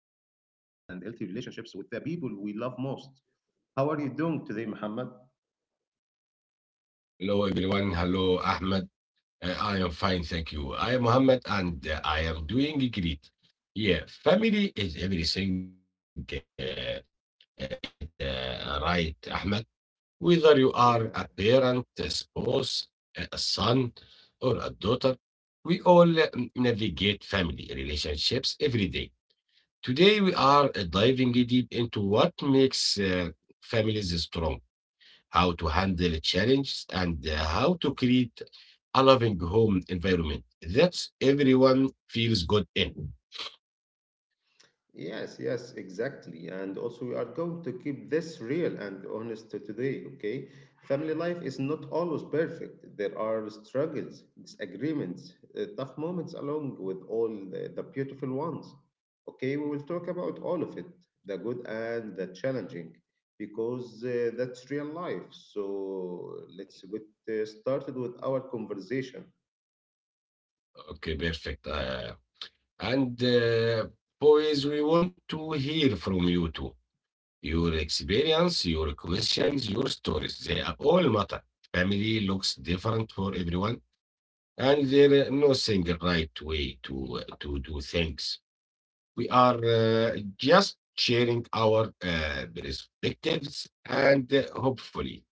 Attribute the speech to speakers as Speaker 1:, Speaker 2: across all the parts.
Speaker 1: relationships with the people we love most. How are you doing today, Muhammad?
Speaker 2: Hello everyone. Hello Ahmed. I am fine, thank you. I am Mohammed and I am doing great. Yeah, family is everything. It right, Ahmed. Whether you
Speaker 1: Yeah.
Speaker 2: are a parent, a spouse, a son, or a daughter, we all navigate family relationships every day. Today we are diving deep into what makes families strong, how to handle challenges, and how to create a loving home environment that everyone feels good in.
Speaker 1: Yes, yes, exactly. And also, we are going to keep this real and honest to today, okay? Family life is not always perfect. There are struggles, disagreements, tough moments, along with all the beautiful ones. Okay, we will talk about all of it, the good and the challenging, because that's real life. So, let's get started with our conversation.
Speaker 2: Okay, perfect. And boys, we want to hear from you too. Your experience, your questions, your stories, they are all matter. Family looks different for everyone, and there's no single right way to do things. We are just sharing our perspectives and hopefully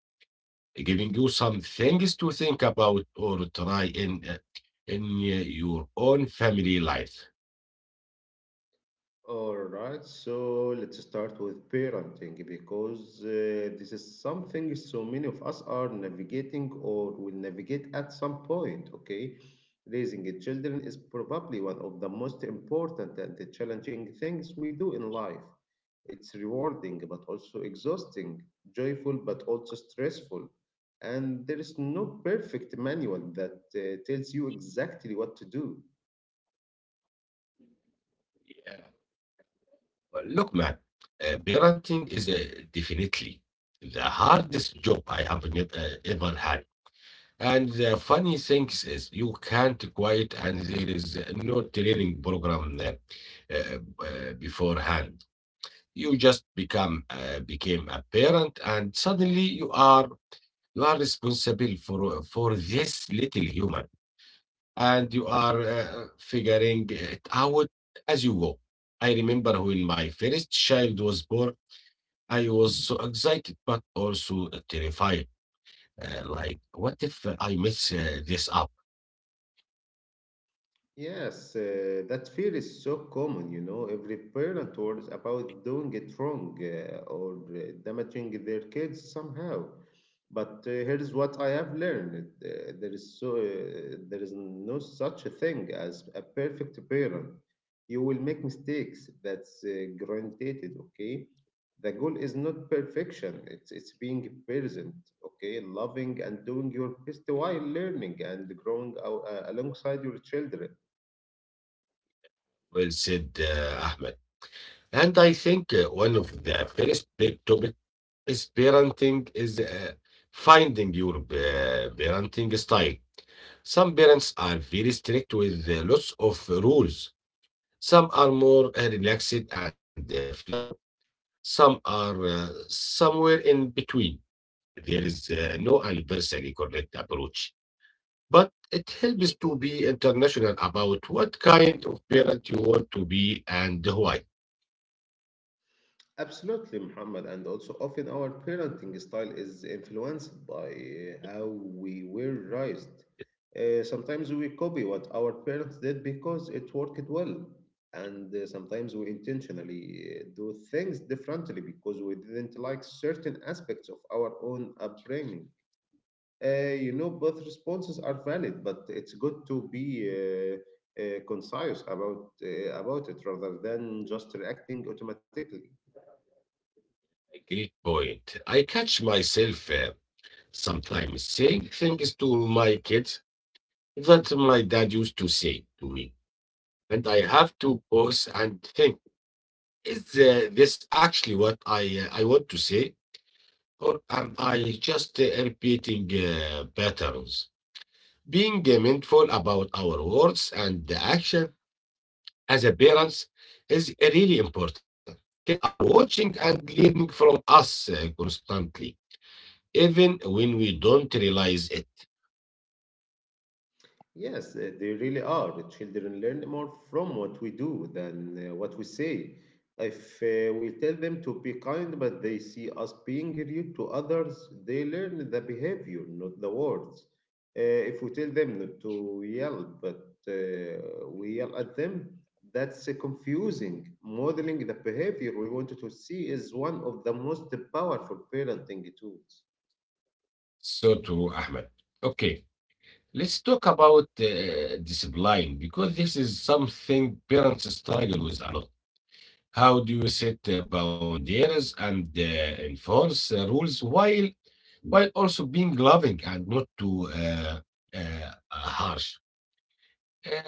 Speaker 2: giving you some things to think about or try in your own family life.
Speaker 1: All right, so let's start with parenting because this is something so many of us are navigating or will navigate at some point, okay? Raising a children is probably one of the most important and the challenging things we do in life. It's rewarding but also exhausting, joyful but also stressful. And there is no perfect manual that tells you exactly what to do.
Speaker 2: Well, look, man, parenting is definitely the hardest job I have ever had. And the funny thing is, you can't quit, and there is no training program beforehand. You just become became a parent, and suddenly you are responsible for this little human, and you are figuring it out as you go. I remember when my first child was born, I was so excited but also terrified. Like, what if I mess this up?
Speaker 1: Yes, that fear is so common, you know. Every parent worries about doing it wrong or damaging their kids somehow. But here's what I have learned: there is no such a thing as a perfect parent. You will make mistakes. That's granted. Okay. The goal is not perfection. It's being present. Okay, loving and doing your best while learning and growing alongside your children.
Speaker 2: Well said, Ahmed. And I think one of the first big topics is parenting is finding your parenting style. Some parents are very strict with lots of rules. Some are more relaxed and flexible. Some are somewhere in between. There is no universally correct approach, but it helps to be international about what kind of parent you want to be and why.
Speaker 1: Absolutely, Muhammad, and also often our parenting style is influenced by how we were raised. Sometimes we copy what our parents did because it worked well, and sometimes we intentionally do things differently because we didn't like certain aspects of our own upbringing. You know, both responses are valid, but it's good to be concise about it rather than
Speaker 2: Yeah.
Speaker 1: just reacting automatically.
Speaker 2: Great point. I catch myself sometimes saying things to my kids that my dad used to say to me, and I have to pause and think: is this actually what I want to say, or am I just repeating patterns? Being mindful about our words and the action as a parents is really important. Kids are watching and learning from us constantly, even when we don't realize it.
Speaker 1: Yes, they really are. The children learn more from what we do than what we say. If we tell them to be kind, but they see us being rude to others, they learn the behavior, not the words. If we tell them not to yell, but we yell at them, that's confusing. Modeling the behavior we wanted to see is one of the most powerful parenting tools.
Speaker 2: So true, Ahmed. Okay, let's talk about discipline, because this is something parents struggle with a lot. How do you set boundaries and enforce rules while also being loving and not too harsh? Uh,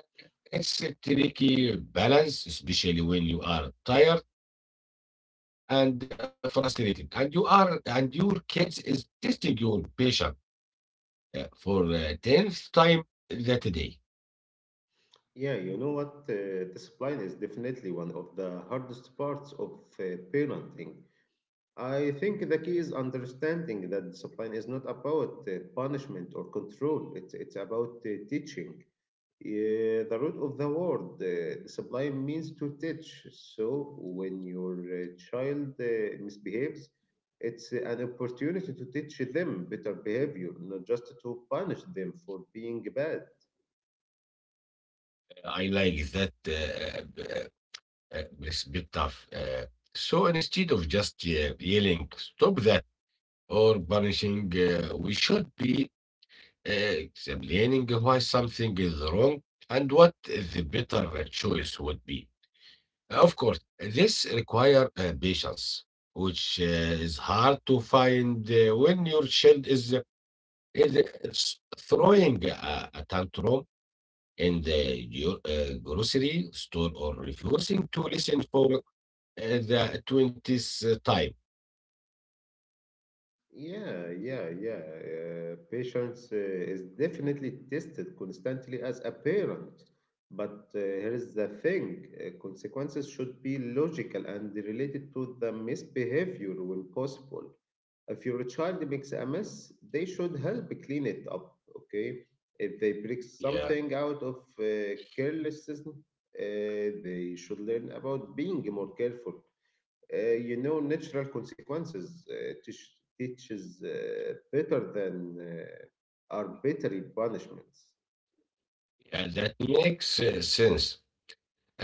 Speaker 2: it's a tricky balance, especially when you are tired and frustrated, and you are and your kids is testing your patience for tenth time that day.
Speaker 1: Yeah, you know what? Discipline is definitely one of the hardest parts of parenting. I think the key is understanding that discipline is not about punishment or control, it's about teaching. The root of the word, discipline, means to teach. So when your child misbehaves, it's an opportunity to teach them better behavior, not just to punish them for being bad.
Speaker 2: I like that it's a bit tough. So instead of just yelling, stop that, or punishing, we should be explaining why something is wrong and what the better choice would be. Of course, this requires patience, which is hard to find when your child is, is is throwing a tantrum in the grocery store, or refusing to listen for at the 20th time.
Speaker 1: Yeah, yeah, yeah. Patience is definitely tested constantly as a parent. But here is the thing consequences should be logical and related to the misbehavior when possible. If your child makes a mess, they should help clean it up, okay? If they break
Speaker 2: Yeah,
Speaker 1: something out of carelessness, they should learn about being more careful . You know, natural consequences teaches better than arbitrary punishments.
Speaker 2: yeah, that makes sense.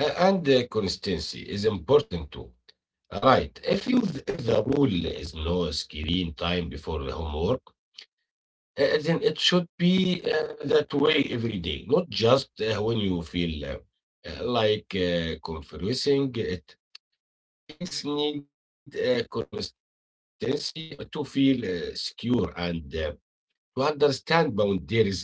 Speaker 2: And consistency is important too. All right. If the rule is no screen time before the homework, then it should be that way every day, not just when you feel like confessing it. Kids need consistency to feel secure and to understand boundaries clearly.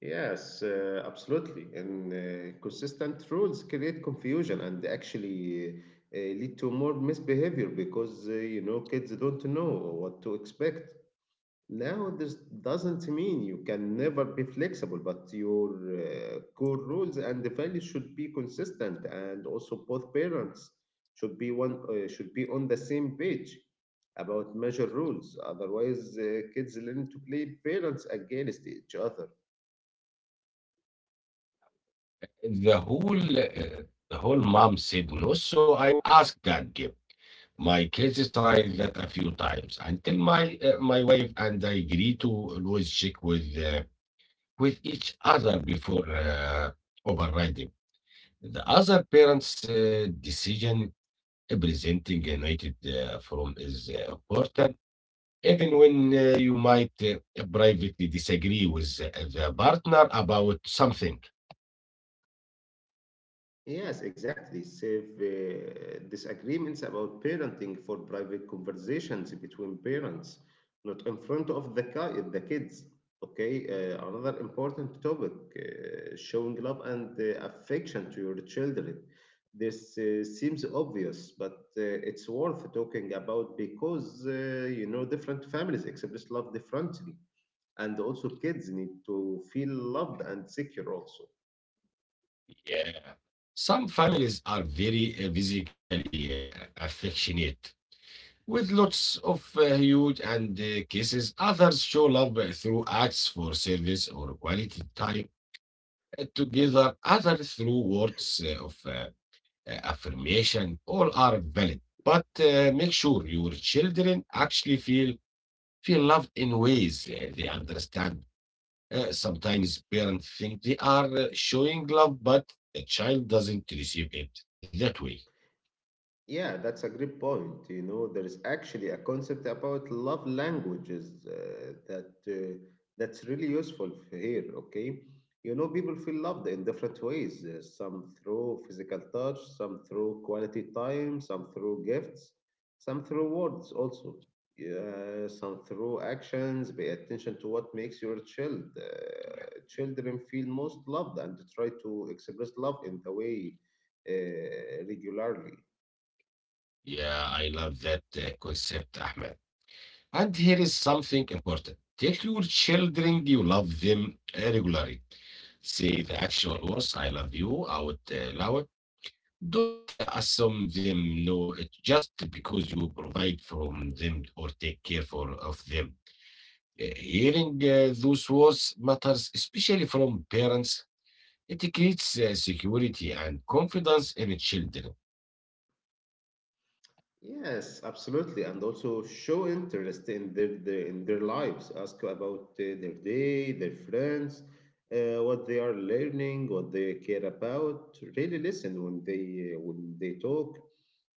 Speaker 1: Yes, absolutely. And consistent rules create confusion and actually lead to more misbehavior because, you know, kids don't know what to expect. Now, this doesn't mean you can never be flexible, but your core rules and the values should be consistent, and also both parents should be on the same page about measure rules. Otherwise, kids learn to play parents against each other.
Speaker 2: the whole uh, the whole mom said no, so I will ask that gift. My kids tried that a few times until my wife and I agree to always check with each other before overriding the other parents decision. Presenting united from is important, even when you might privately disagree with the partner about something.
Speaker 1: Yes, exactly. Save disagreements about parenting for private conversations between parents, not in front of the kids. Okay, another important topic showing love and affection to your children. This seems obvious, but it's worth talking about because you know different families express love differently, and also kids need to feel loved and secure also.
Speaker 2: Yeah. Some families are very physically affectionate with lots of huge and kisses. Others show love through acts for service or quality time together. Others through words of affirmation. All are valid, but make sure your children actually feel loved in ways they understand. Sometimes parents think they are showing love, but the child doesn't receive it that way.
Speaker 1: Yeah, that's a great point. You know, there is actually a concept about love languages that's really useful here. Okay, you know, people feel loved in different ways. Some through physical touch, some through quality time, some through gifts, some through words also. Yeah, some through actions. Pay attention to what makes your child children feel most loved, and try to express love in the way regularly.
Speaker 2: Yeah, I love that concept, Ahmed. And here is something important. Tell your children you love them regularly. Say the actual words, I love you, out loud. Don't assume them know it just because you provide from them or take care for, of them. Hearing those words matters, especially from parents. It creates security and confidence in children.
Speaker 1: Yes, absolutely, and also show interest in their lives. Ask about their day, their friends, what they are learning, what they care about. Really listen when they talk,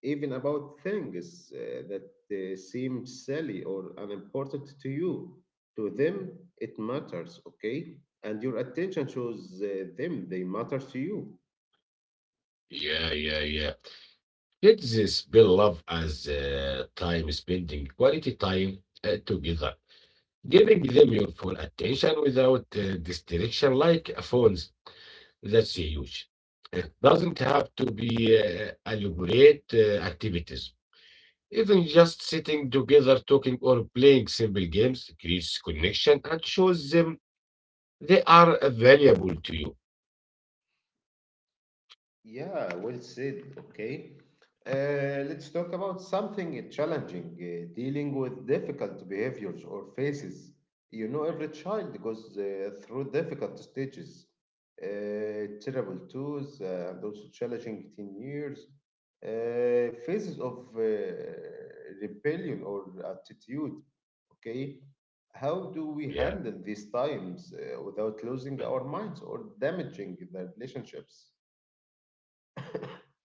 Speaker 1: even about things that seem silly or unimportant to you. To them, it matters. Okay, and your attention shows them they matter to you.
Speaker 2: Yeah, yeah, yeah. Kids spell love as time, spending quality time together, giving them your full attention without distraction like phones. That's huge. It doesn't have to be elaborate activities. Even just sitting together, talking, or playing simple games creates connection and shows them they are valuable to you.
Speaker 1: Yeah, well said. Okay. Let's talk about something challenging, dealing with difficult behaviors or phases. You know, every child goes through difficult stages, terrible twos, and also challenging teen years, phases of rebellion or attitude. Okay. How do we handle these
Speaker 2: Yeah.
Speaker 1: times without losing our minds or damaging the relationships?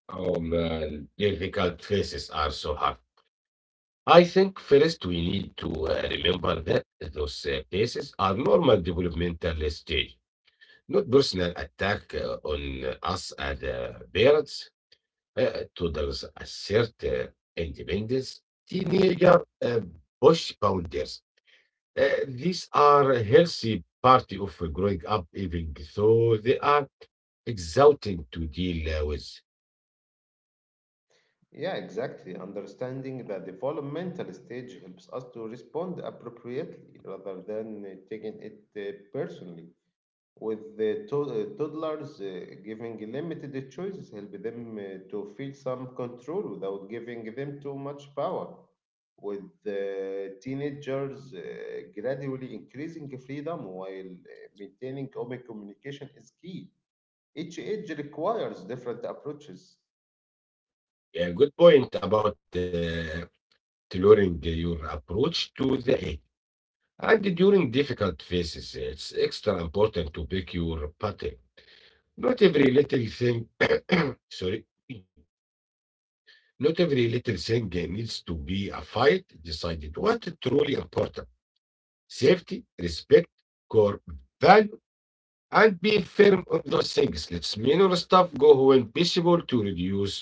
Speaker 2: Oh man, difficult places are so hard. I think first we need to remember that those places are normal developmental stage, not personal attack on us as parents. Toddlers assert independence, teenager push boundaries. These are a healthy part of growing up, even though they are exhausting to deal with.
Speaker 1: Yeah, exactly. Understanding the developmental stage helps us to respond appropriately rather than taking it personally. With the toddlers, giving limited choices help them to feel some control without giving them too much power. With teenagers, gradually increasing freedom while maintaining open communication is key. Each age requires different approaches.
Speaker 2: Yeah, good point about tailoring your approach to the aid. And during difficult phases, it's extra important to pick your pattern. Not every little thing, sorry, not every little thing needs to be a fight decided. What truly important? Safety, respect, core values. And be firm on those things. Let's minor stuff go when possible to reduce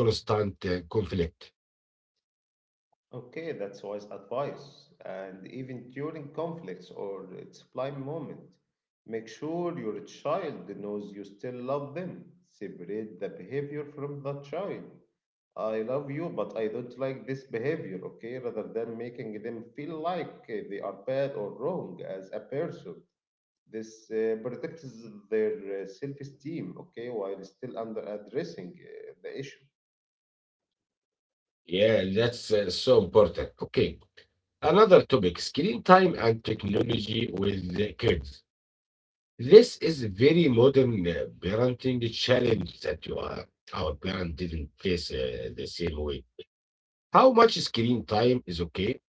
Speaker 2: constant conflict.
Speaker 1: Okay, that's wise advice. And even during conflicts or a sublime moment, make sure your child knows you still love them. Separate the behavior from the child. I love you, but I don't like this behavior, okay? Rather than making them feel like they are bad or wrong as a person. This protects their self esteem, okay, while still under addressing the issue.
Speaker 2: Yeah, that's so important. Okay. Another topic: screen time and technology with the kids. This is a very modern parenting challenge that our parent didn't face the same way. How much screen time is okay?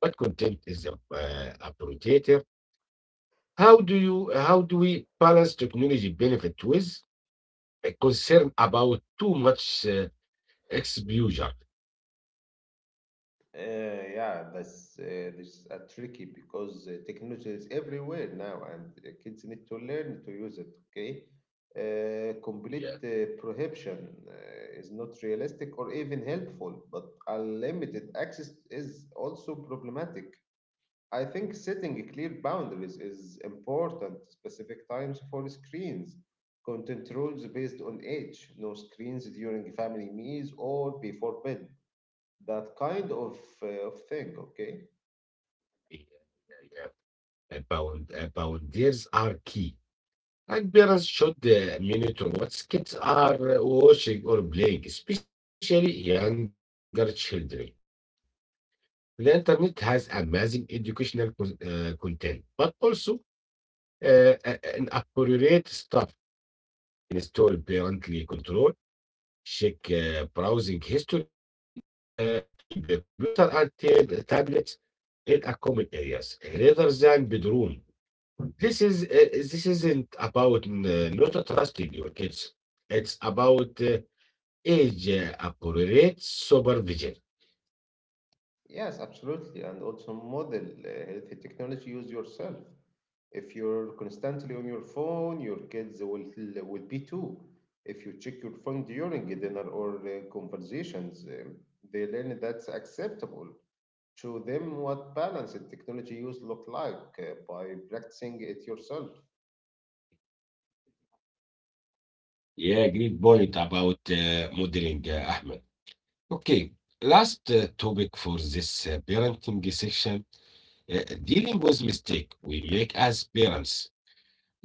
Speaker 2: What content is appropriate? How do we balance technology benefit with concerned about too much exposure?
Speaker 1: Yeah, that's this tricky because technology is everywhere now, and kids need to learn to use it. Okay,
Speaker 2: Yeah,
Speaker 1: complete prohibition is not realistic or even helpful, but unlimited access is also problematic. I think setting clear boundaries is important. Specific times for screens, content rules based on age, no screens during family meals or before bed that kind of thing, okay?
Speaker 2: yeah, yeah. About boundaries are key, and parents should monitor what kids are watching or playing, especially younger children. The internet has amazing educational content, but also inappropriate stuff. Install parently control, check browsing history, keep the computer and tablets in a common areas rather than bedroom. This isn't about not trusting your kids. It's about age appropriate supervision.
Speaker 1: Yes, absolutely. And also model healthy technology use yourself. If you're constantly on your phone, will be too. If you check your phone during a dinner or conversations, they learn that's acceptable. Show them what balanced technology use look like by practicing it yourself.
Speaker 2: Yeah, great point about modeling, Ahmed. Okay, last topic for this parenting section: dealing with mistake we make as parents.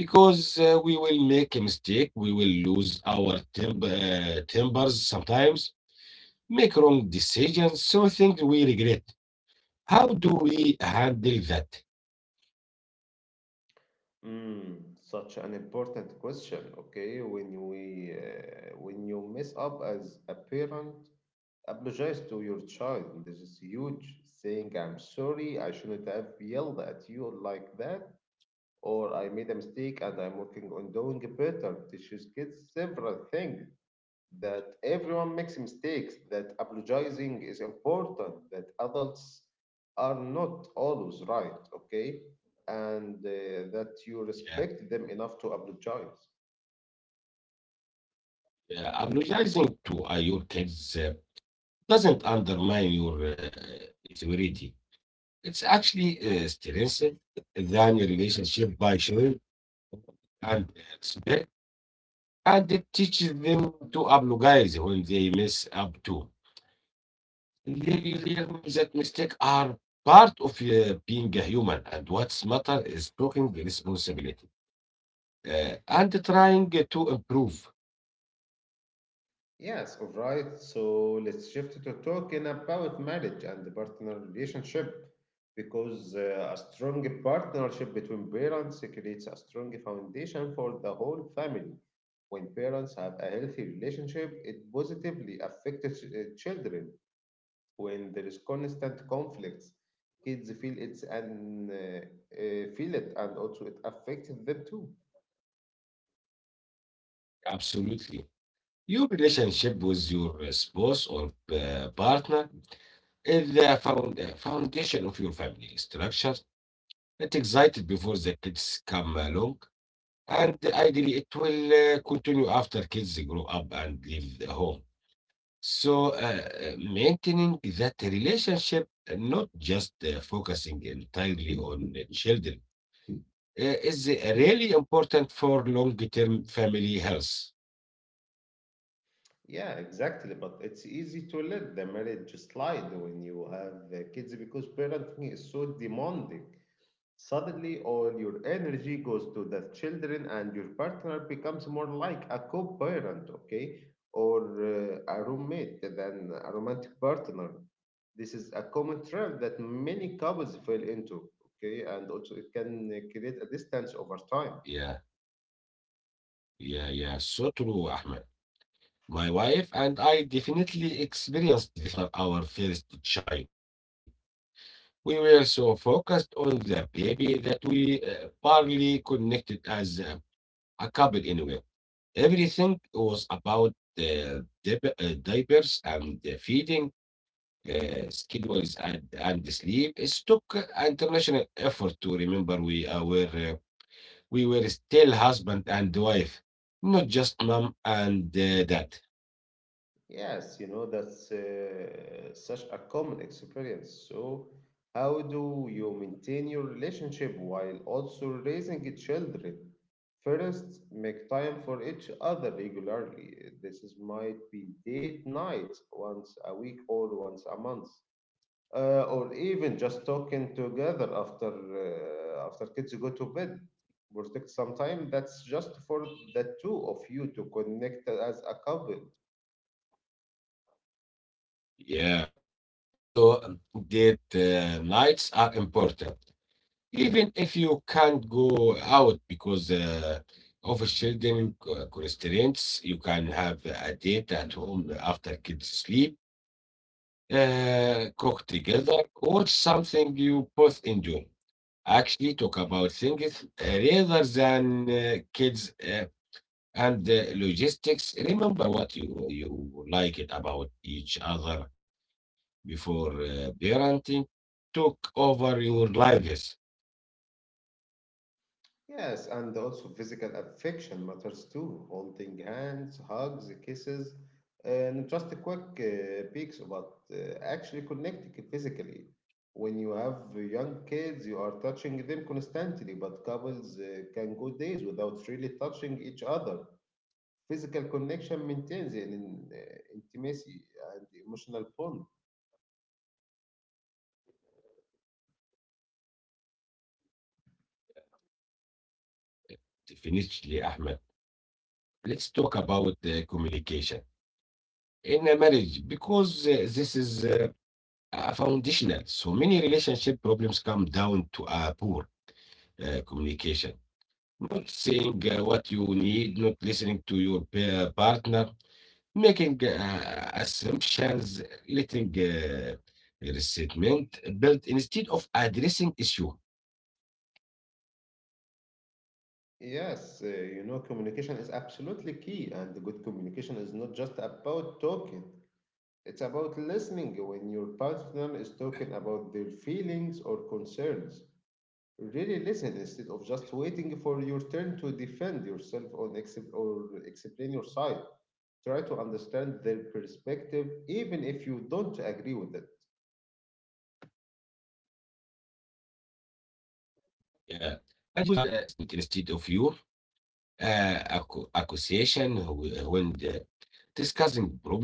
Speaker 2: Because we will make a mistake, we will lose our tempers sometimes, make wrong decisions, so things we regret. How do we handle that?
Speaker 1: Mm, such an important question. Okay, when you mess up as a parent, apologize to your child. This is huge. Saying, I'm sorry, I shouldn't have yelled at you like that, or I made a mistake and I'm working on doing better. Teaches kids several things that everyone makes mistakes, that apologizing is important, that adults are not always right, okay? And that you
Speaker 2: Yeah.
Speaker 1: respect them enough to apologize.
Speaker 2: Apologizing to your kids doesn't undermine your authority. It's actually strengthened than your relationship by showing and respect, and it teaches them to apologize when they mess up too. They learn that mistakes are part of being a human, and what's matter is taking the responsibility and trying to improve.
Speaker 1: Yes, all right. So let's shift to talking about marriage and the partner relationship because a strong partnership between parents creates a strong foundation for the whole family. When parents have a healthy relationship, it positively affects children. When there is constant conflicts, kids feel it, and also it affects them too.
Speaker 2: Absolutely. Your relationship with your spouse or partner is the foundation of your family structure. It existed before the kids come along, and ideally, it will continue after kids grow up and leave the home. So, maintaining that relationship, not just focusing entirely on children, is really important for long term family health.
Speaker 1: Yeah, exactly. But it's easy to let the marriage slide when you have kids because parenting is so demanding. Suddenly, all your energy goes to the children, and your partner becomes more like a co parent, okay, or a roommate than a romantic partner. This is a common trap that many couples fall into, okay, and also it can create a distance over time.
Speaker 2: Yeah, yeah, yeah. So true, Ahmed. My wife and I definitely experienced this after our first child. We were so focused on the baby that we barely connected as a couple anyway. Everything was about the diapers and the feeding, schedules, and sleep. It took international effort to remember we were still husband and wife, not just mom and dad.
Speaker 1: Yes, you know, that's such a common experience. So, how do you maintain your relationship while also raising children? First, make time for each other regularly. This is, might be date night once a week or once a month, or even just talking together after kids go to bed. Protect some time that's just for the two of you to connect as a couple.
Speaker 2: Yeah. So date nights are important, even if you can't go out because of children constraints. You can have a date at home after kids sleep, cook together, watch something you both enjoy. Actually, talk about things rather than kids and logistics. Remember what you like it about each other before parenting. Talk over your lives.
Speaker 1: Yes, and also physical affection matters too. Holding hands, hugs, kisses, and just a quick peeks, but actually connecting physically. When you have young kids, you are touching them constantly, but couples can go days without really touching each other. Physical connection maintains an intimacy and emotional bond.
Speaker 2: Definitely, Ahmed. Let's talk about communication in a marriage, because this is a foundational. So many relationship problems come down to a poor communication. Not saying what you need, not listening to your partner, making assumptions, letting resentment build instead of addressing issue.
Speaker 1: Yes, you know, communication is absolutely key, and good communication is not just about talking. It's about listening when your partner is talking about their feelings or concerns. Really listen instead of just waiting for your turn to defend yourself or, or explain your side. Try to understand their perspective even if you don't agree with it.
Speaker 2: Yeah, and use I statement instead of your accusation when discussing problem,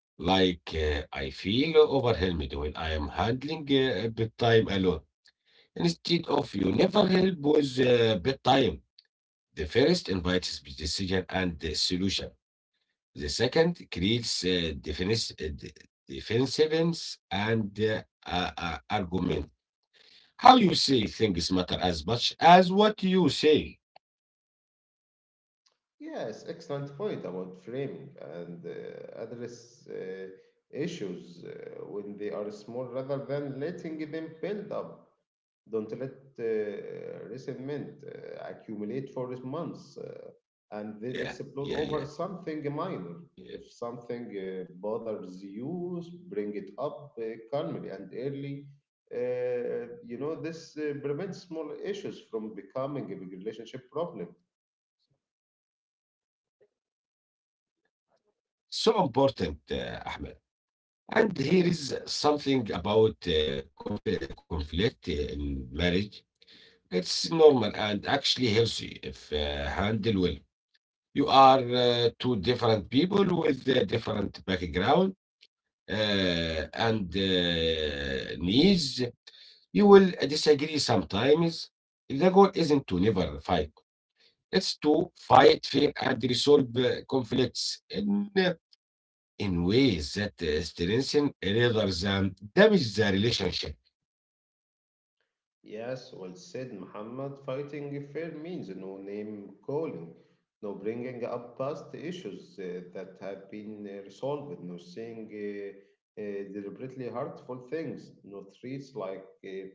Speaker 2: like I feel overwhelmed when I am handling bedtime alone. Instead of you never help with bedtime. The first invites decision and the solution. The second creates defensiveness and argument. How you say things matter as much as what you say.
Speaker 1: Yes, excellent point about framing and address issues when they are small rather than letting them build up. Don't let resentment accumulate for months
Speaker 2: Yeah, yeah, yeah,
Speaker 1: and then explode over
Speaker 2: yeah.
Speaker 1: something minor. If something bothers you, bring it up calmly and early. This prevents small issues from becoming a big relationship problem.
Speaker 2: So important, Ahmed. And here is something about conflict in marriage. It's normal and actually healthy if handled well. You are two different people with different background and needs. You will disagree sometimes. The goal isn't to never fight. It's to fight fair and resolve conflicts in ways that strengthen rather than damage the relationship.
Speaker 1: Yes, well said, Muhammad. Fighting fair means no name calling, no bringing up past issues that have been resolved, no saying deliberately hurtful things, no threats like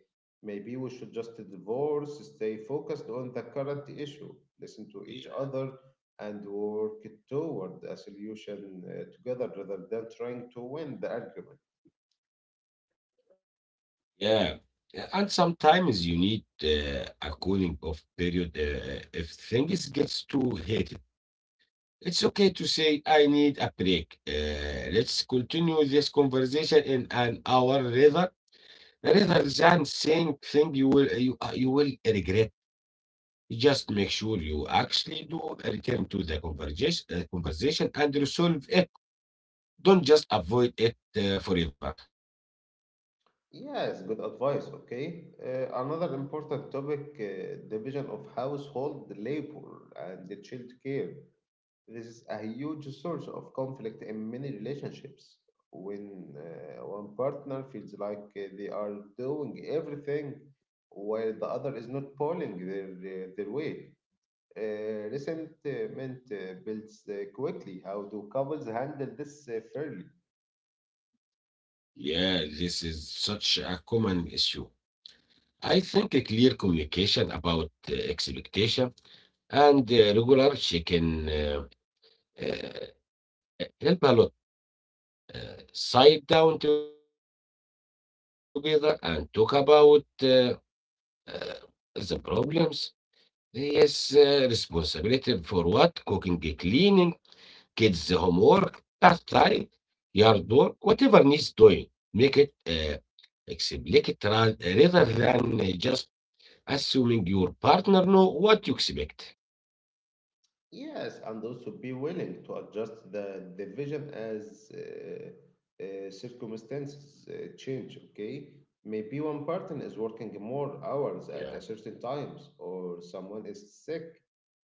Speaker 1: maybe we should just divorce, stay focused on the current issue,
Speaker 2: Yeah.
Speaker 1: listen to each other, and work toward a solution together rather than trying to win the argument.
Speaker 2: Yeah. And sometimes you need a cooling off period if things gets too heated. It's okay to say, I need a break. Let's continue this conversation in an hour rather. There is a exact same thing you will regret. Just make sure you actually do return to the conversation and resolve it. Don't just avoid it forever.
Speaker 1: Yes, good advice. Okay. Another important topic, division of household labor and the child care. This is a huge source of conflict in many relationships. When one partner feels like they are doing everything while the other is not pulling their weight, resentment builds quickly. How do couples handle this fairly?
Speaker 2: Yeah, this is such a common issue. I think a clear communication about expectations and regular chicken. Uh, help a lot. Sit down together and talk about the problems. Yes, responsibility for what? Cooking, cleaning, kids' homework, pastime, yard work, whatever needs doing. Make it explicit rather than just assuming your partner know what you expect.
Speaker 1: Yes, and also be willing to adjust the vision as circumstances change. Okay, maybe one person is
Speaker 2: Yeah,
Speaker 1: working more hours at a certain times, or someone is sick,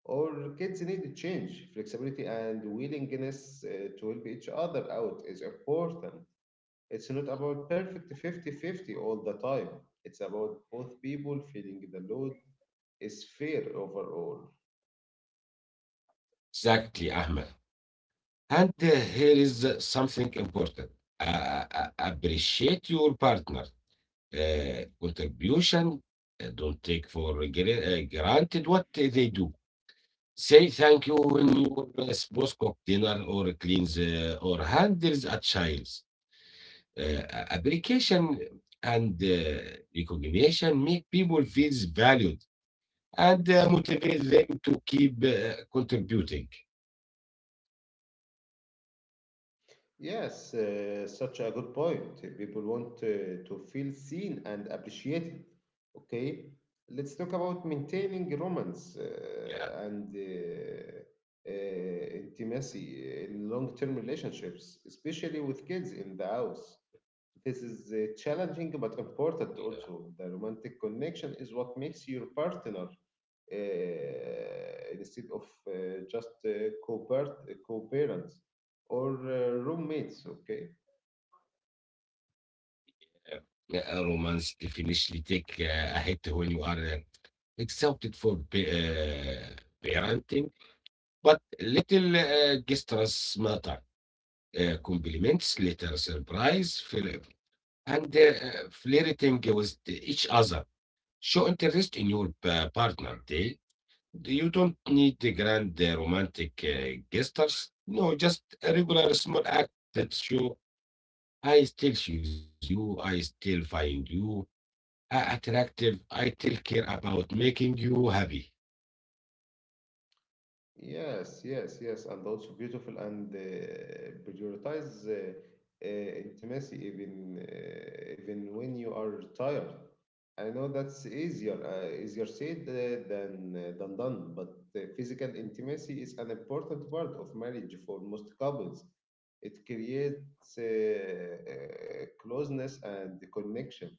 Speaker 1: or kids need to change. Flexibility and willingness to help each other out is important. It's not about perfect 50/50 all the time. It's about both people feeling the load is fair overall.
Speaker 2: exactly, Ahmed. And here is something important. Appreciate your partner contribution. Don't take for granted what they do. Say thank you when your spouse cook dinner or cleans or handles a child. Uh, application and recognition make people feel valued and motivate them to keep contributing.
Speaker 1: Yes, such a good point. People want to feel seen and appreciated. Okay, let's talk about
Speaker 2: Yeah.
Speaker 1: maintaining romance and intimacy in long-term relationships, especially with kids in the house. This is
Speaker 2: Yeah.
Speaker 1: challenging but important also. The romantic connection is what makes your partner uh, instead of just co-parents or roommates, okay?
Speaker 2: Yeah, romance definitely take a hit when you are accepted for parenting, but little gestures matter. Compliments, little surprise, fl- and flirting with each other. Show interest in your partner. They, you don't need the grand romantic gestures. No, just a regular small act that show I still choose you, I still find you a attractive. I still care about making you happy.
Speaker 1: Yes, yes, yes, and also beautiful and prioritize intimacy even when you are tired. I know that's easier said than done, but physical intimacy is an important part of marriage for most couples. It creates closeness and the connection.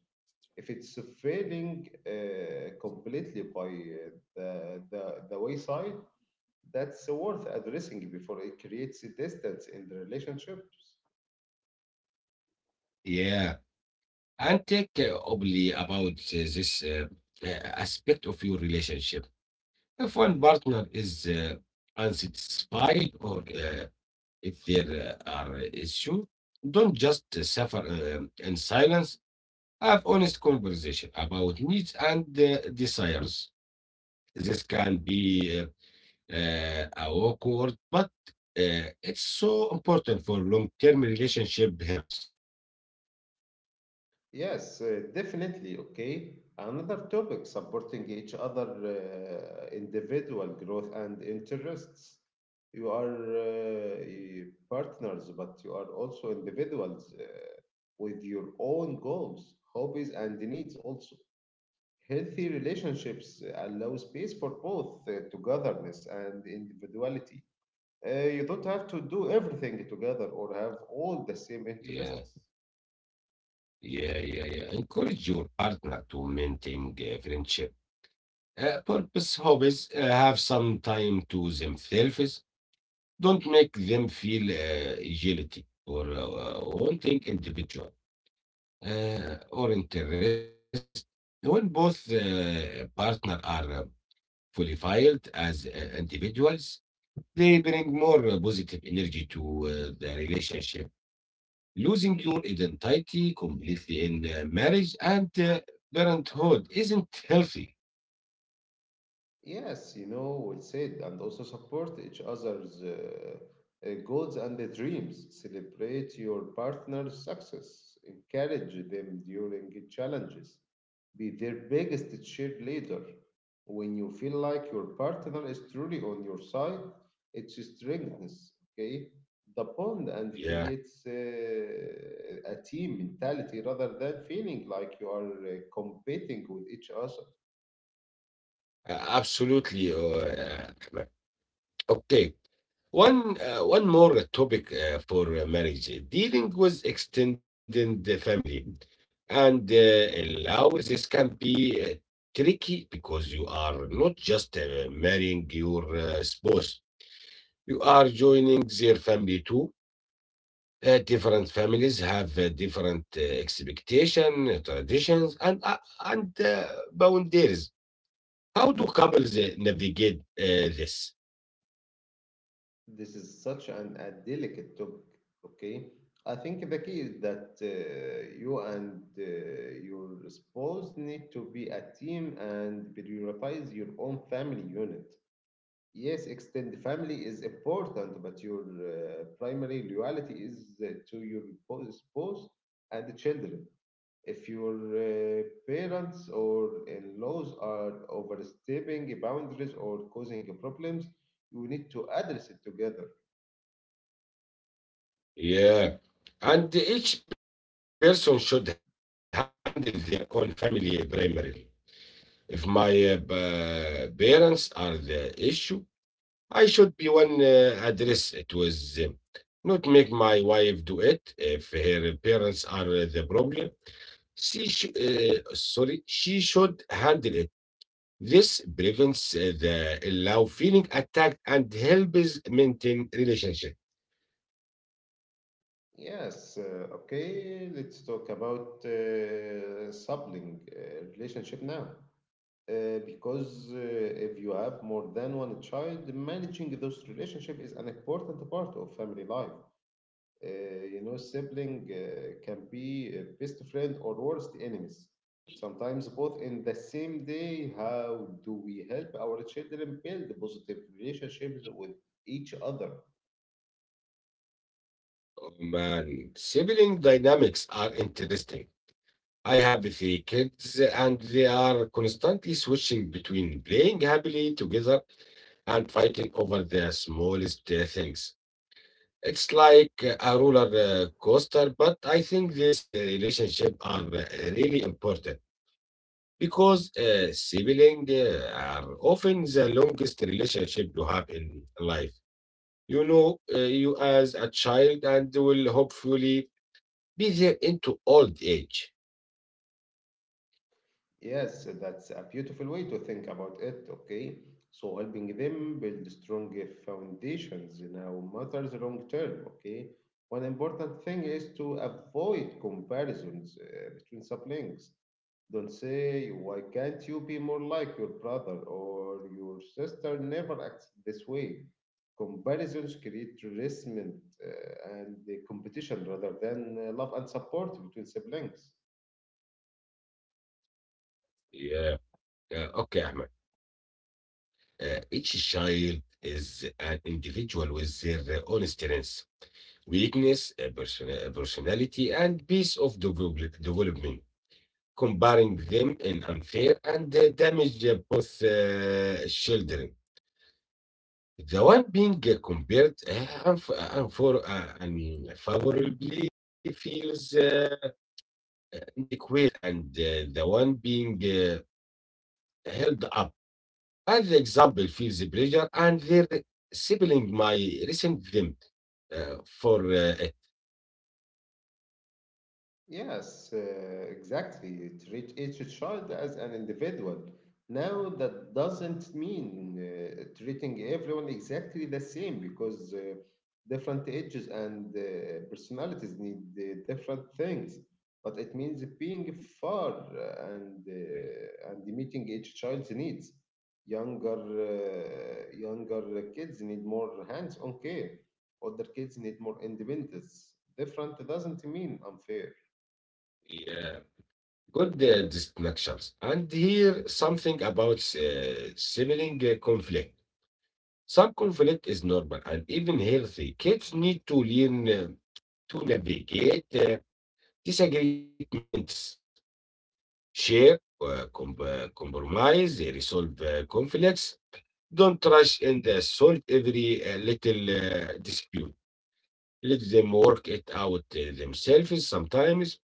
Speaker 1: If it's failing completely by the wayside, that's worth addressing before it creates distance in the relationships.
Speaker 2: Yeah. And take obly about this aspect of your relationship. If one partner is unsatisfied or if there are issues, don't just suffer in silence. Have honest conversation about needs and desires. This can be awkward, but it's so important for long-term relationship health.
Speaker 1: Yes, definitely. Okay. Another topic supporting each other individual growth and interests. You are partners, but you are also individuals with your own goals, hobbies, and needs also. Healthy relationships allow space for both togetherness and individuality. You don't have to do everything together or have all the same
Speaker 2: Yeah,
Speaker 1: interests.
Speaker 2: yeah, yeah, yeah. Encourage your partner to maintain friendship. Purpose hobbies have some time to themselves. Don't make them feel guilty or wanting individual or interest. When both partner are fully filed as individuals, they bring more positive energy to the relationship. Losing your identity completely in marriage and parenthood isn't healthy.
Speaker 1: Yes, well said, and also support each other's goals and their dreams. Celebrate your partner's success. Encourage them during challenges. Be their biggest cheerleader. When you feel like your partner is truly on your side, it strengthens, okay, the bond and
Speaker 2: Yeah,
Speaker 1: creates a team mentality rather than feeling like you are competing with each other.
Speaker 2: absolutely. Uh, okay. One more topic for marriage dealing with extended family. And allows this can be tricky because you are not just marrying your spouse, you are joining their family too. Different families have different expectation, traditions, and and uh, boundaries. How do couples navigate this?
Speaker 1: This is such an a delicate topic, okay? I think, the key is that you and your spouse need to be a team and prioritize your own family unit. Yes, extended family is important, but your primary loyalty is to your spouse and the children. If your parents or in-laws are overstepping boundaries or causing problems, you need to address it together.
Speaker 2: Yeah, and each person should handle their own family primarily. If my parents are the issue, I should be one address it with them, not make my wife do it. If her parents are the problem, she should handle it. This prevents the love feeling attacked and helps maintain relationship.
Speaker 1: Yes, okay, let's talk about sibling relationship now. Because if you have more than one child, managing those relationship is an important part of family life. Uh, Sibling can be a best friend or worst enemies. Sometimes both in the same day. How do we help our children build positive relationships with each other?
Speaker 2: Oh, man, sibling dynamics are interesting. I have three kids, and they are constantly switching between playing happily together and fighting over the smallest things. It's like a roller coaster, but I think these relationships are really important, because siblings are often the longest relationship you have in life. You know you as a child and will hopefully be there into old age.
Speaker 1: Yes, that's a beautiful way to think about it, okay? So helping them build strong foundations now matters long term, okay? One important thing is to avoid comparisons between siblings. Don't say, why can't you be more like your brother or your sister never acts this way? Comparisons create resentment and the competition rather than love and support between siblings.
Speaker 2: Yeah. Okay, Ahmed. Each child is an individual with their own strengths, weakness, personality, and piece of development. Comparing them in unfair and damage both children. The one being compared I mean, favorably feels inadequate, and the one being held up as the example feels the pressure, and their are sibling my recent them for
Speaker 1: Yes, exactly. Treat each child as an individual. Now, that doesn't mean treating everyone exactly the same because different ages and personalities need different things. But it means being fair and meeting each child's needs. Younger younger kids need more hands-on care. Older kids need more independence. Different doesn't mean unfair.
Speaker 2: uh, good distinctions. And here something about sibling conflict. Some conflict is normal and even healthy. Kids need to learn to navigate disagreements, shape, compromise, resolve conflicts. Don't rush and solve every little dispute. Let them work it out themselves sometimes.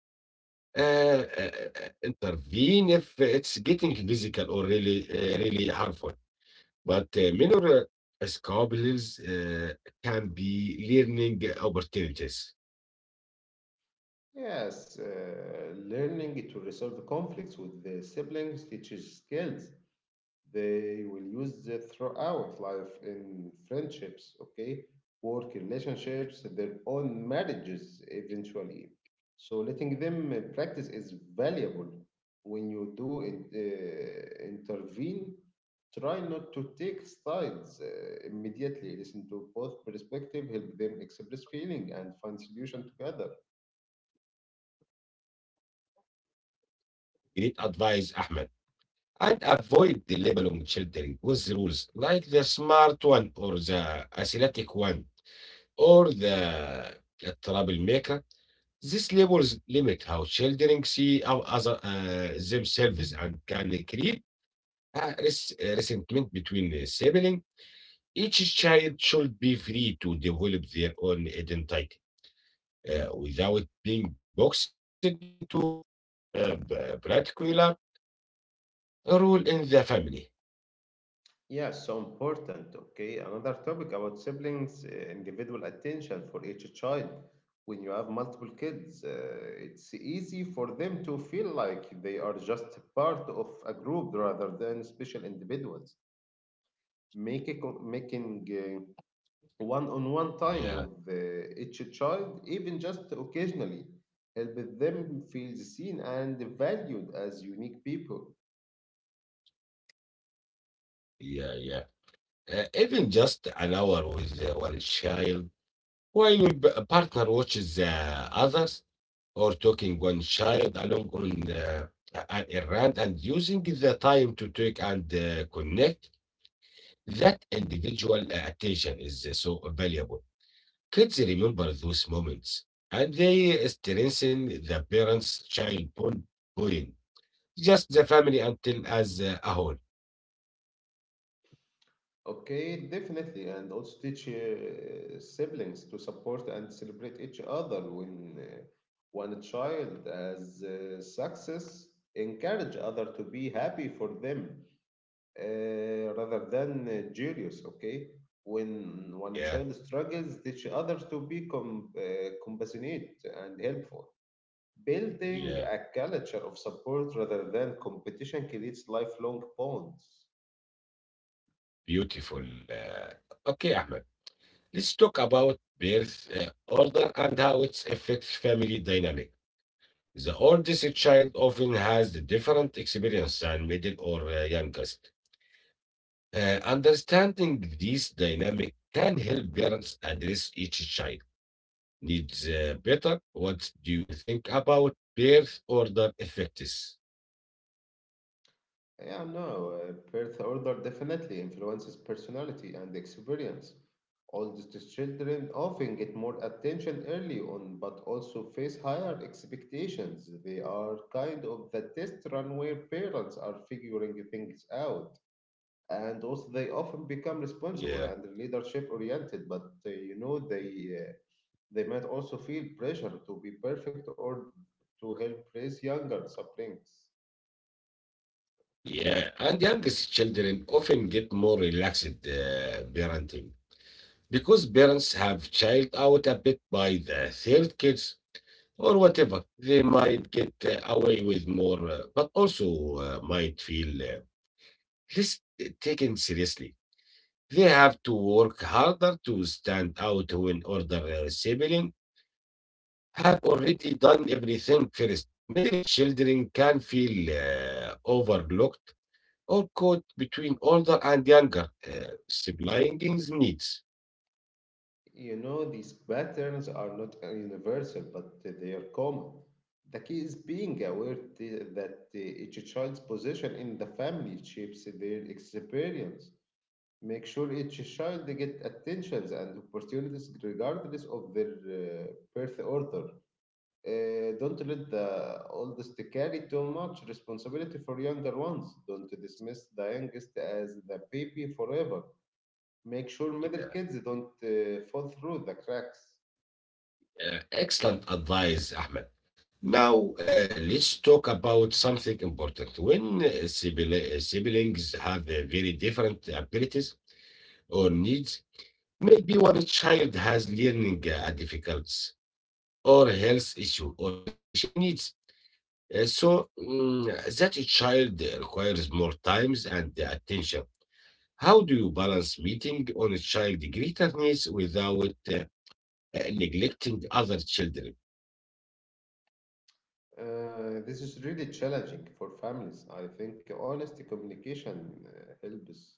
Speaker 2: Uh, intervene if it's getting physical or really harmful. But minor squabbles can be learning opportunities.
Speaker 1: Yes, learning to resolve conflicts with the siblings teaches skills they will use it throughout life in friendships, okay, work relationships, their own marriages eventually. So letting them practice is valuable. When you do intervene, try not to take sides immediately. Listen to both perspectives, help them express feeling and find solution together.
Speaker 2: You need advice, Ahmed. And avoid the label on children with the rules, like the smart one or the athletic one or the troublemaker. These labels limit how children see themselves and can create a resentment between the siblings. Each child should be free to develop their own identity without being boxed into a particular role in the family.
Speaker 1: Yeah, so important. Okay, another topic about siblings, individual attention for each child. When you have multiple kids, it's easy for them to feel like they are just part of a group rather than special individuals. Making one-on-one
Speaker 2: Yeah,
Speaker 1: time with each child, even just occasionally, helps them feel seen and valued as unique people.
Speaker 2: yeah, yeah. Even just an hour with one child, while your partner watches others or talking one child along on a and using the time to talk and connect, that individual attention is so valuable. Kids remember those moments and they strengthen the parents child bonding. Just the family until as a whole.
Speaker 1: Okay, definitely, and also teach siblings to support and celebrate each other when one child has success. Encourage other to be happy for them rather than jealous. Okay, when a
Speaker 2: Yeah,
Speaker 1: child struggles, teach others to be compassionate and helpful. Building
Speaker 2: yeah,
Speaker 1: a culture of support rather than competition creates lifelong bonds.
Speaker 2: beautiful. Okay, Ahmed. Let's talk about birth order and how it affects family dynamic. The oldest child often has the different experience than middle or youngest. Understanding these dynamic can help parents address each child needs better. What do you think about birth order effects?
Speaker 1: Yeah, no, birth order definitely influences personality and experience. Oldest children often get more attention early on, but also face higher expectations. They are kind of the test run where parents are figuring things out. And also, they often become
Speaker 2: Yeah.
Speaker 1: responsible and leadership oriented, but they might also feel pressure to be perfect or to help raise younger siblings.
Speaker 2: Yeah, and youngest children often get more relaxed parenting because parents have child out a bit by the third kids or whatever they might get away with more but also might feel less taken seriously. They have to work harder to stand out when older siblings have already done everything. First middle children can feel overlooked or caught between older and younger siblings needs.
Speaker 1: You know, these patterns are not universal, but they are common. The key is being aware that each child's position in the family shapes their experience. Make sure each child they get attentions and opportunities regardless of their birth order. Don't let the oldest carry too much responsibility for younger ones. Don't dismiss the youngest as the baby forever. Make sure
Speaker 2: Yeah.
Speaker 1: middle kids don't fall through the cracks.
Speaker 2: Excellent advice, Ahmed. Now, let's talk about something important. When siblings have very different abilities or needs, maybe one child has learning difficulties or health issue or special needs. Uh, so mm, that child requires more times and attention. How do you balance meeting on a child greater needs without neglecting other children?
Speaker 1: This is really challenging for families. I think honest communication helps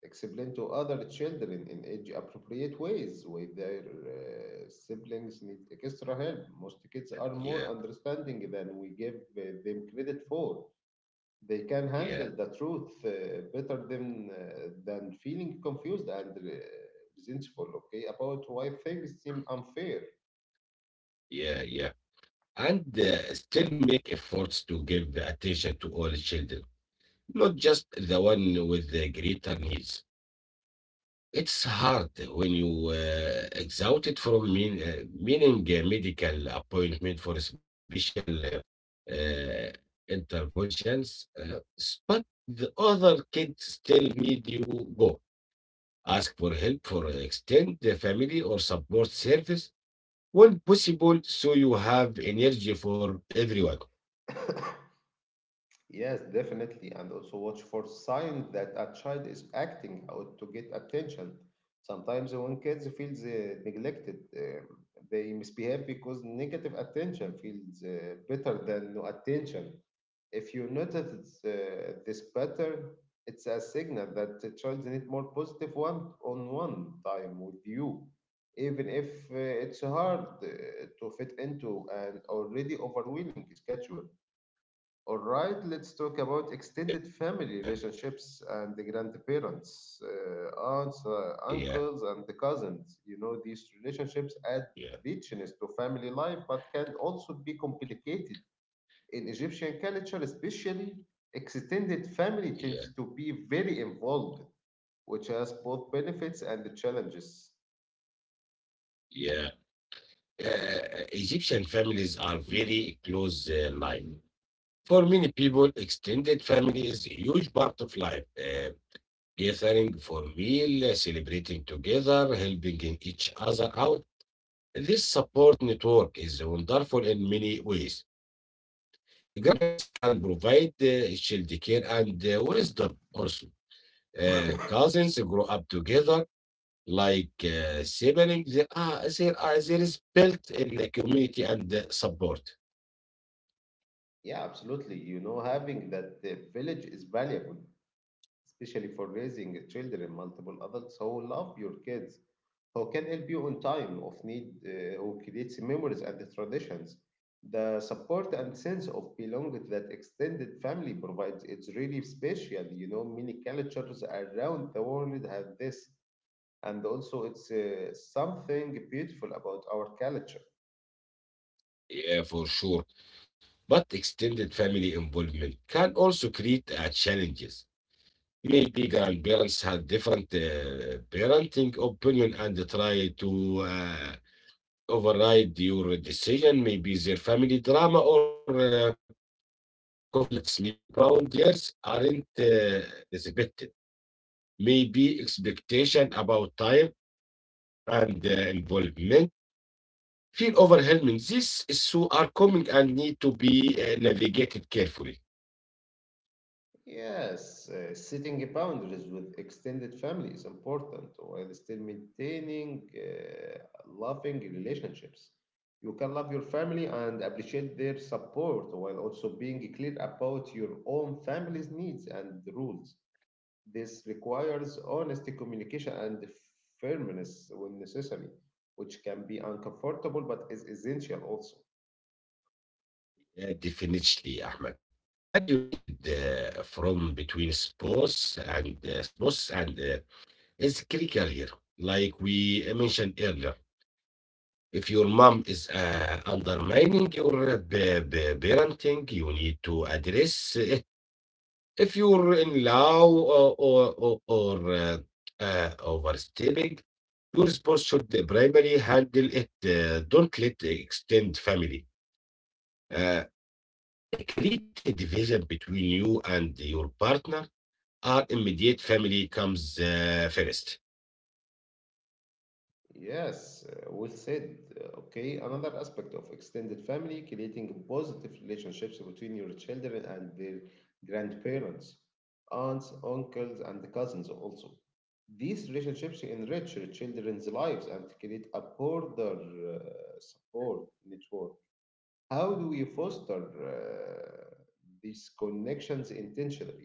Speaker 1: explain to other children in age appropriate ways why their siblings need extra help. Most kids are
Speaker 2: Yeah,
Speaker 1: more understanding than we give them credit for. They can
Speaker 2: yeah,
Speaker 1: handle the truth better than feeling confused and resentful, okay, about why things seem unfair.
Speaker 2: yeah, yeah. And still make efforts to give attention to all children, not just the one with the greater needs. It's hard when you exhausted from meaning a medical appointment for a special uh, interventions, but the other kids still need you go. Ask for help for extend the family or support service when possible so you have energy for everyone.
Speaker 1: Yes, definitely. And also watch for signs that a child is acting out to get attention. Sometimes when kids feel neglected, they misbehave because negative attention feels better than no attention. If you notice this pattern, it's a signal that the child need more positive one-on-one time with you, even if it's hard to fit into an already overwhelming schedule. All right, let's talk
Speaker 2: Yeah,
Speaker 1: about extended
Speaker 2: yeah,
Speaker 1: family relationships and the grandparents, aunts,
Speaker 2: yeah,
Speaker 1: uncles, and the cousins. You know, these relationships
Speaker 2: yeah,
Speaker 1: add richness to family life, but can also be complicated. In Egyptian culture, especially, extended family
Speaker 2: yeah,
Speaker 1: tends to be very involved, which has both benefits and the challenges.
Speaker 2: yeah. Egyptian families are very close line. For many people, extended family is a huge part of life. Gathering for meal, celebrating together, helping in each other out. This support network is wonderful in many ways. Grandparents can provide child care and wisdom also. Cousins grow up together like siblings. There is built in the community and support.
Speaker 1: Yeah, absolutely. You know, having that village is valuable, especially for raising children, multiple adults who love your kids, who can help you on time of need, who creates memories and the traditions. The support and sense of belonging that extended family provides, it's really special. You know, many cultures around the world have this, and also it's something beautiful about our culture.
Speaker 2: Yeah, for sure. But extended family involvement can also create challenges. Maybe grandparents had different parenting opinion and try to override your decision. Maybe their family drama or conflicts. Maybe boundaries aren't respected. Maybe expectation about time and involvement feel overwhelming. These issues are common and need to be navigated carefully.
Speaker 1: Yes, setting boundaries with extended family is important while still maintaining loving relationships. You can love your family and appreciate their support while also being clear about your own family's needs and rules. This requires honest communication and firmness when necessary, which can be uncomfortable but is essential also.
Speaker 2: Yeah, definitely, Ahmed. And united from between sports and is critical here. Like we mentioned earlier, if your mom is undermining your parenting, you need to address it. If you're in law or overstepping, your spouse should primarily handle it. Don't let extended family. Uh, A great division between you and your partner or immediate family comes first.
Speaker 1: Yes, well said. Okay, another aspect of extended family, creating positive relationships between your children and their grandparents, aunts, uncles, and cousins also. These relationships enrich your children's lives and create a broader uh, support network. How do we foster these connections intentionally?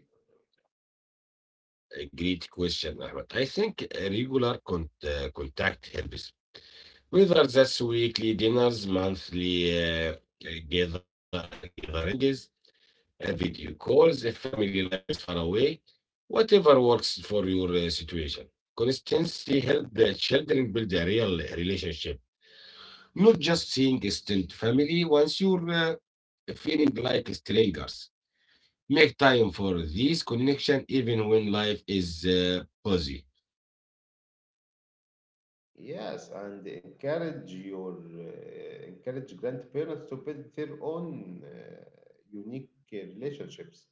Speaker 2: A great question, Ahmed. I think regular contact helps. Whether that's weekly dinners, monthly uh, gatherings, video calls, if family life is far away, whatever works for your situation. Consistency helps the children build a real relationship. Not just seeing extended family once you're feeling like strangers. Make time for these connection even when life is busy.
Speaker 1: Yes, and encourage grandparents to build their own unique relationships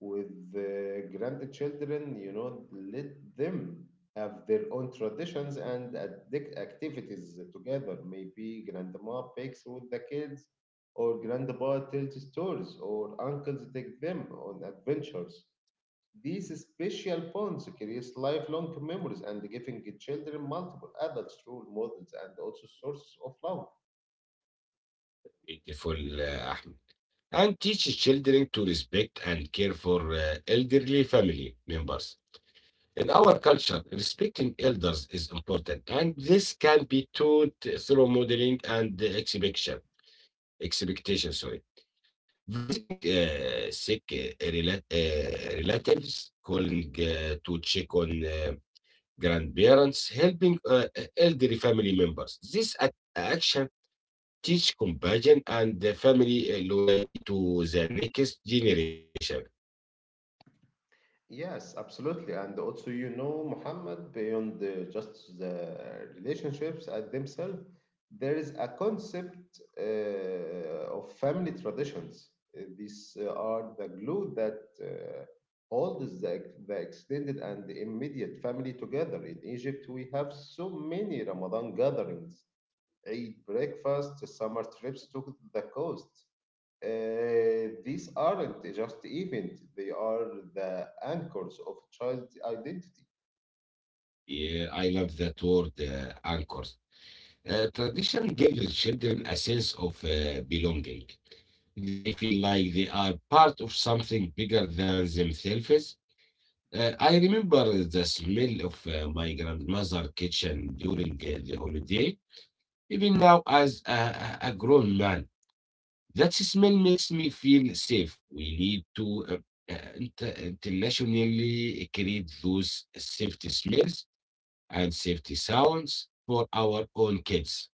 Speaker 1: with grandchildren. You know, let them have their own traditions and activities together. Maybe grandma bakes with the kids, or grandpa tells stories, or uncles take them on adventures. These special bonds create lifelong memories and giving children multiple adults role models and also sources of love.
Speaker 2: Beautiful, Ahmed. And teach children to respect and care for elderly family members. In our culture, respecting elders is important, and this can be taught through modeling and exhibition, expectation. Sorry. Visiting sick relatives, calling to check on grandparents, helping elderly family members. This action teach compassion and the family loyalty to the next generation.
Speaker 1: Yes, absolutely. And also, you know, Muhammad, beyond just the relationships at themselves, there is a concept of family traditions. These are the glue that holds the extended and the immediate family together. In Egypt, we have so many Ramadan gatherings, a breakfast, summer trips to the coast. These aren't just events, they are the anchors of child identity.
Speaker 2: Yeah, I love that word, anchors. Tradition gives children a sense of belonging. They feel like they are part of something bigger than themselves. I remember the smell of my grandmother's kitchen during the holiday. Even now, as a grown man, that smell makes me feel safe. We need to internationally create those safety smells and safety sounds for our own kids.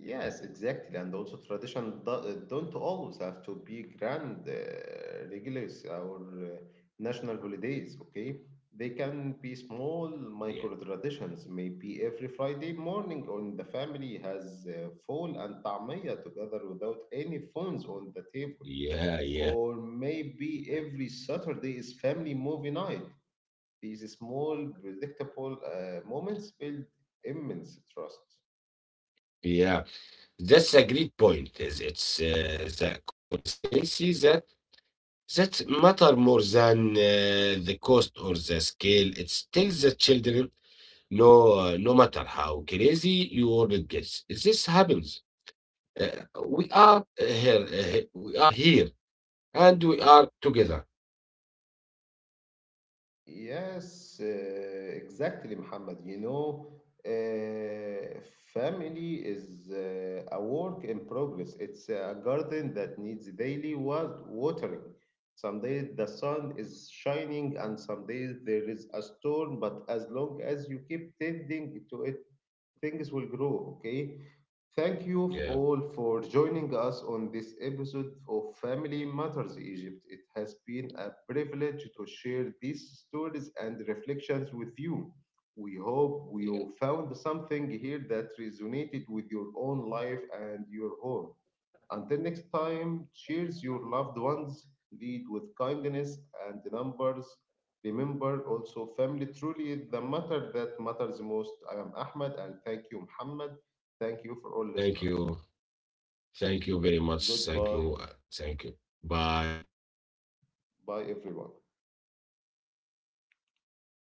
Speaker 1: Yes, exactly. And also, tradition don't always have to be grand, regulars, or national holidays, okay? They can be
Speaker 2: Yeah,
Speaker 1: small micro traditions. Maybe every Friday morning, on the family has full and tamaya together without any phones on the table.
Speaker 2: yeah, yeah.
Speaker 1: Or maybe every Saturday is family movie night. These small, predictable moments build immense trust.
Speaker 2: Yeah, that's a great point. Is It's the consistency that matter more than the cost or the scale. It's still the children, no, no matter how crazy your world gets. This happens. We are here, we are here, and we are together.
Speaker 1: Yes, exactly, Muhammad. You know, uh, family is a work in progress. It's a garden that needs daily watering. Some days the sun is shining, and some days there is a storm, but as long as you keep tending to it, things will grow, okay? Thank you
Speaker 2: Yeah,
Speaker 1: all for joining us on this episode of Family Matters Egypt. It has been a privilege to share these stories and reflections with you. We hope
Speaker 2: yeah.
Speaker 1: you found something here that resonated with your own life and your home. Until next time, cheers your loved ones, lead with kindness and numbers. Remember also, family truly is the matter that matters most. I am Ahmed, and thank you, Muhammad. Thank you for all
Speaker 2: Thank
Speaker 1: listeners.
Speaker 2: you. Thank you very much. Thank you.
Speaker 1: Goodbye.
Speaker 2: Thank you. Bye.
Speaker 1: Bye, everyone.
Speaker 2: Bye.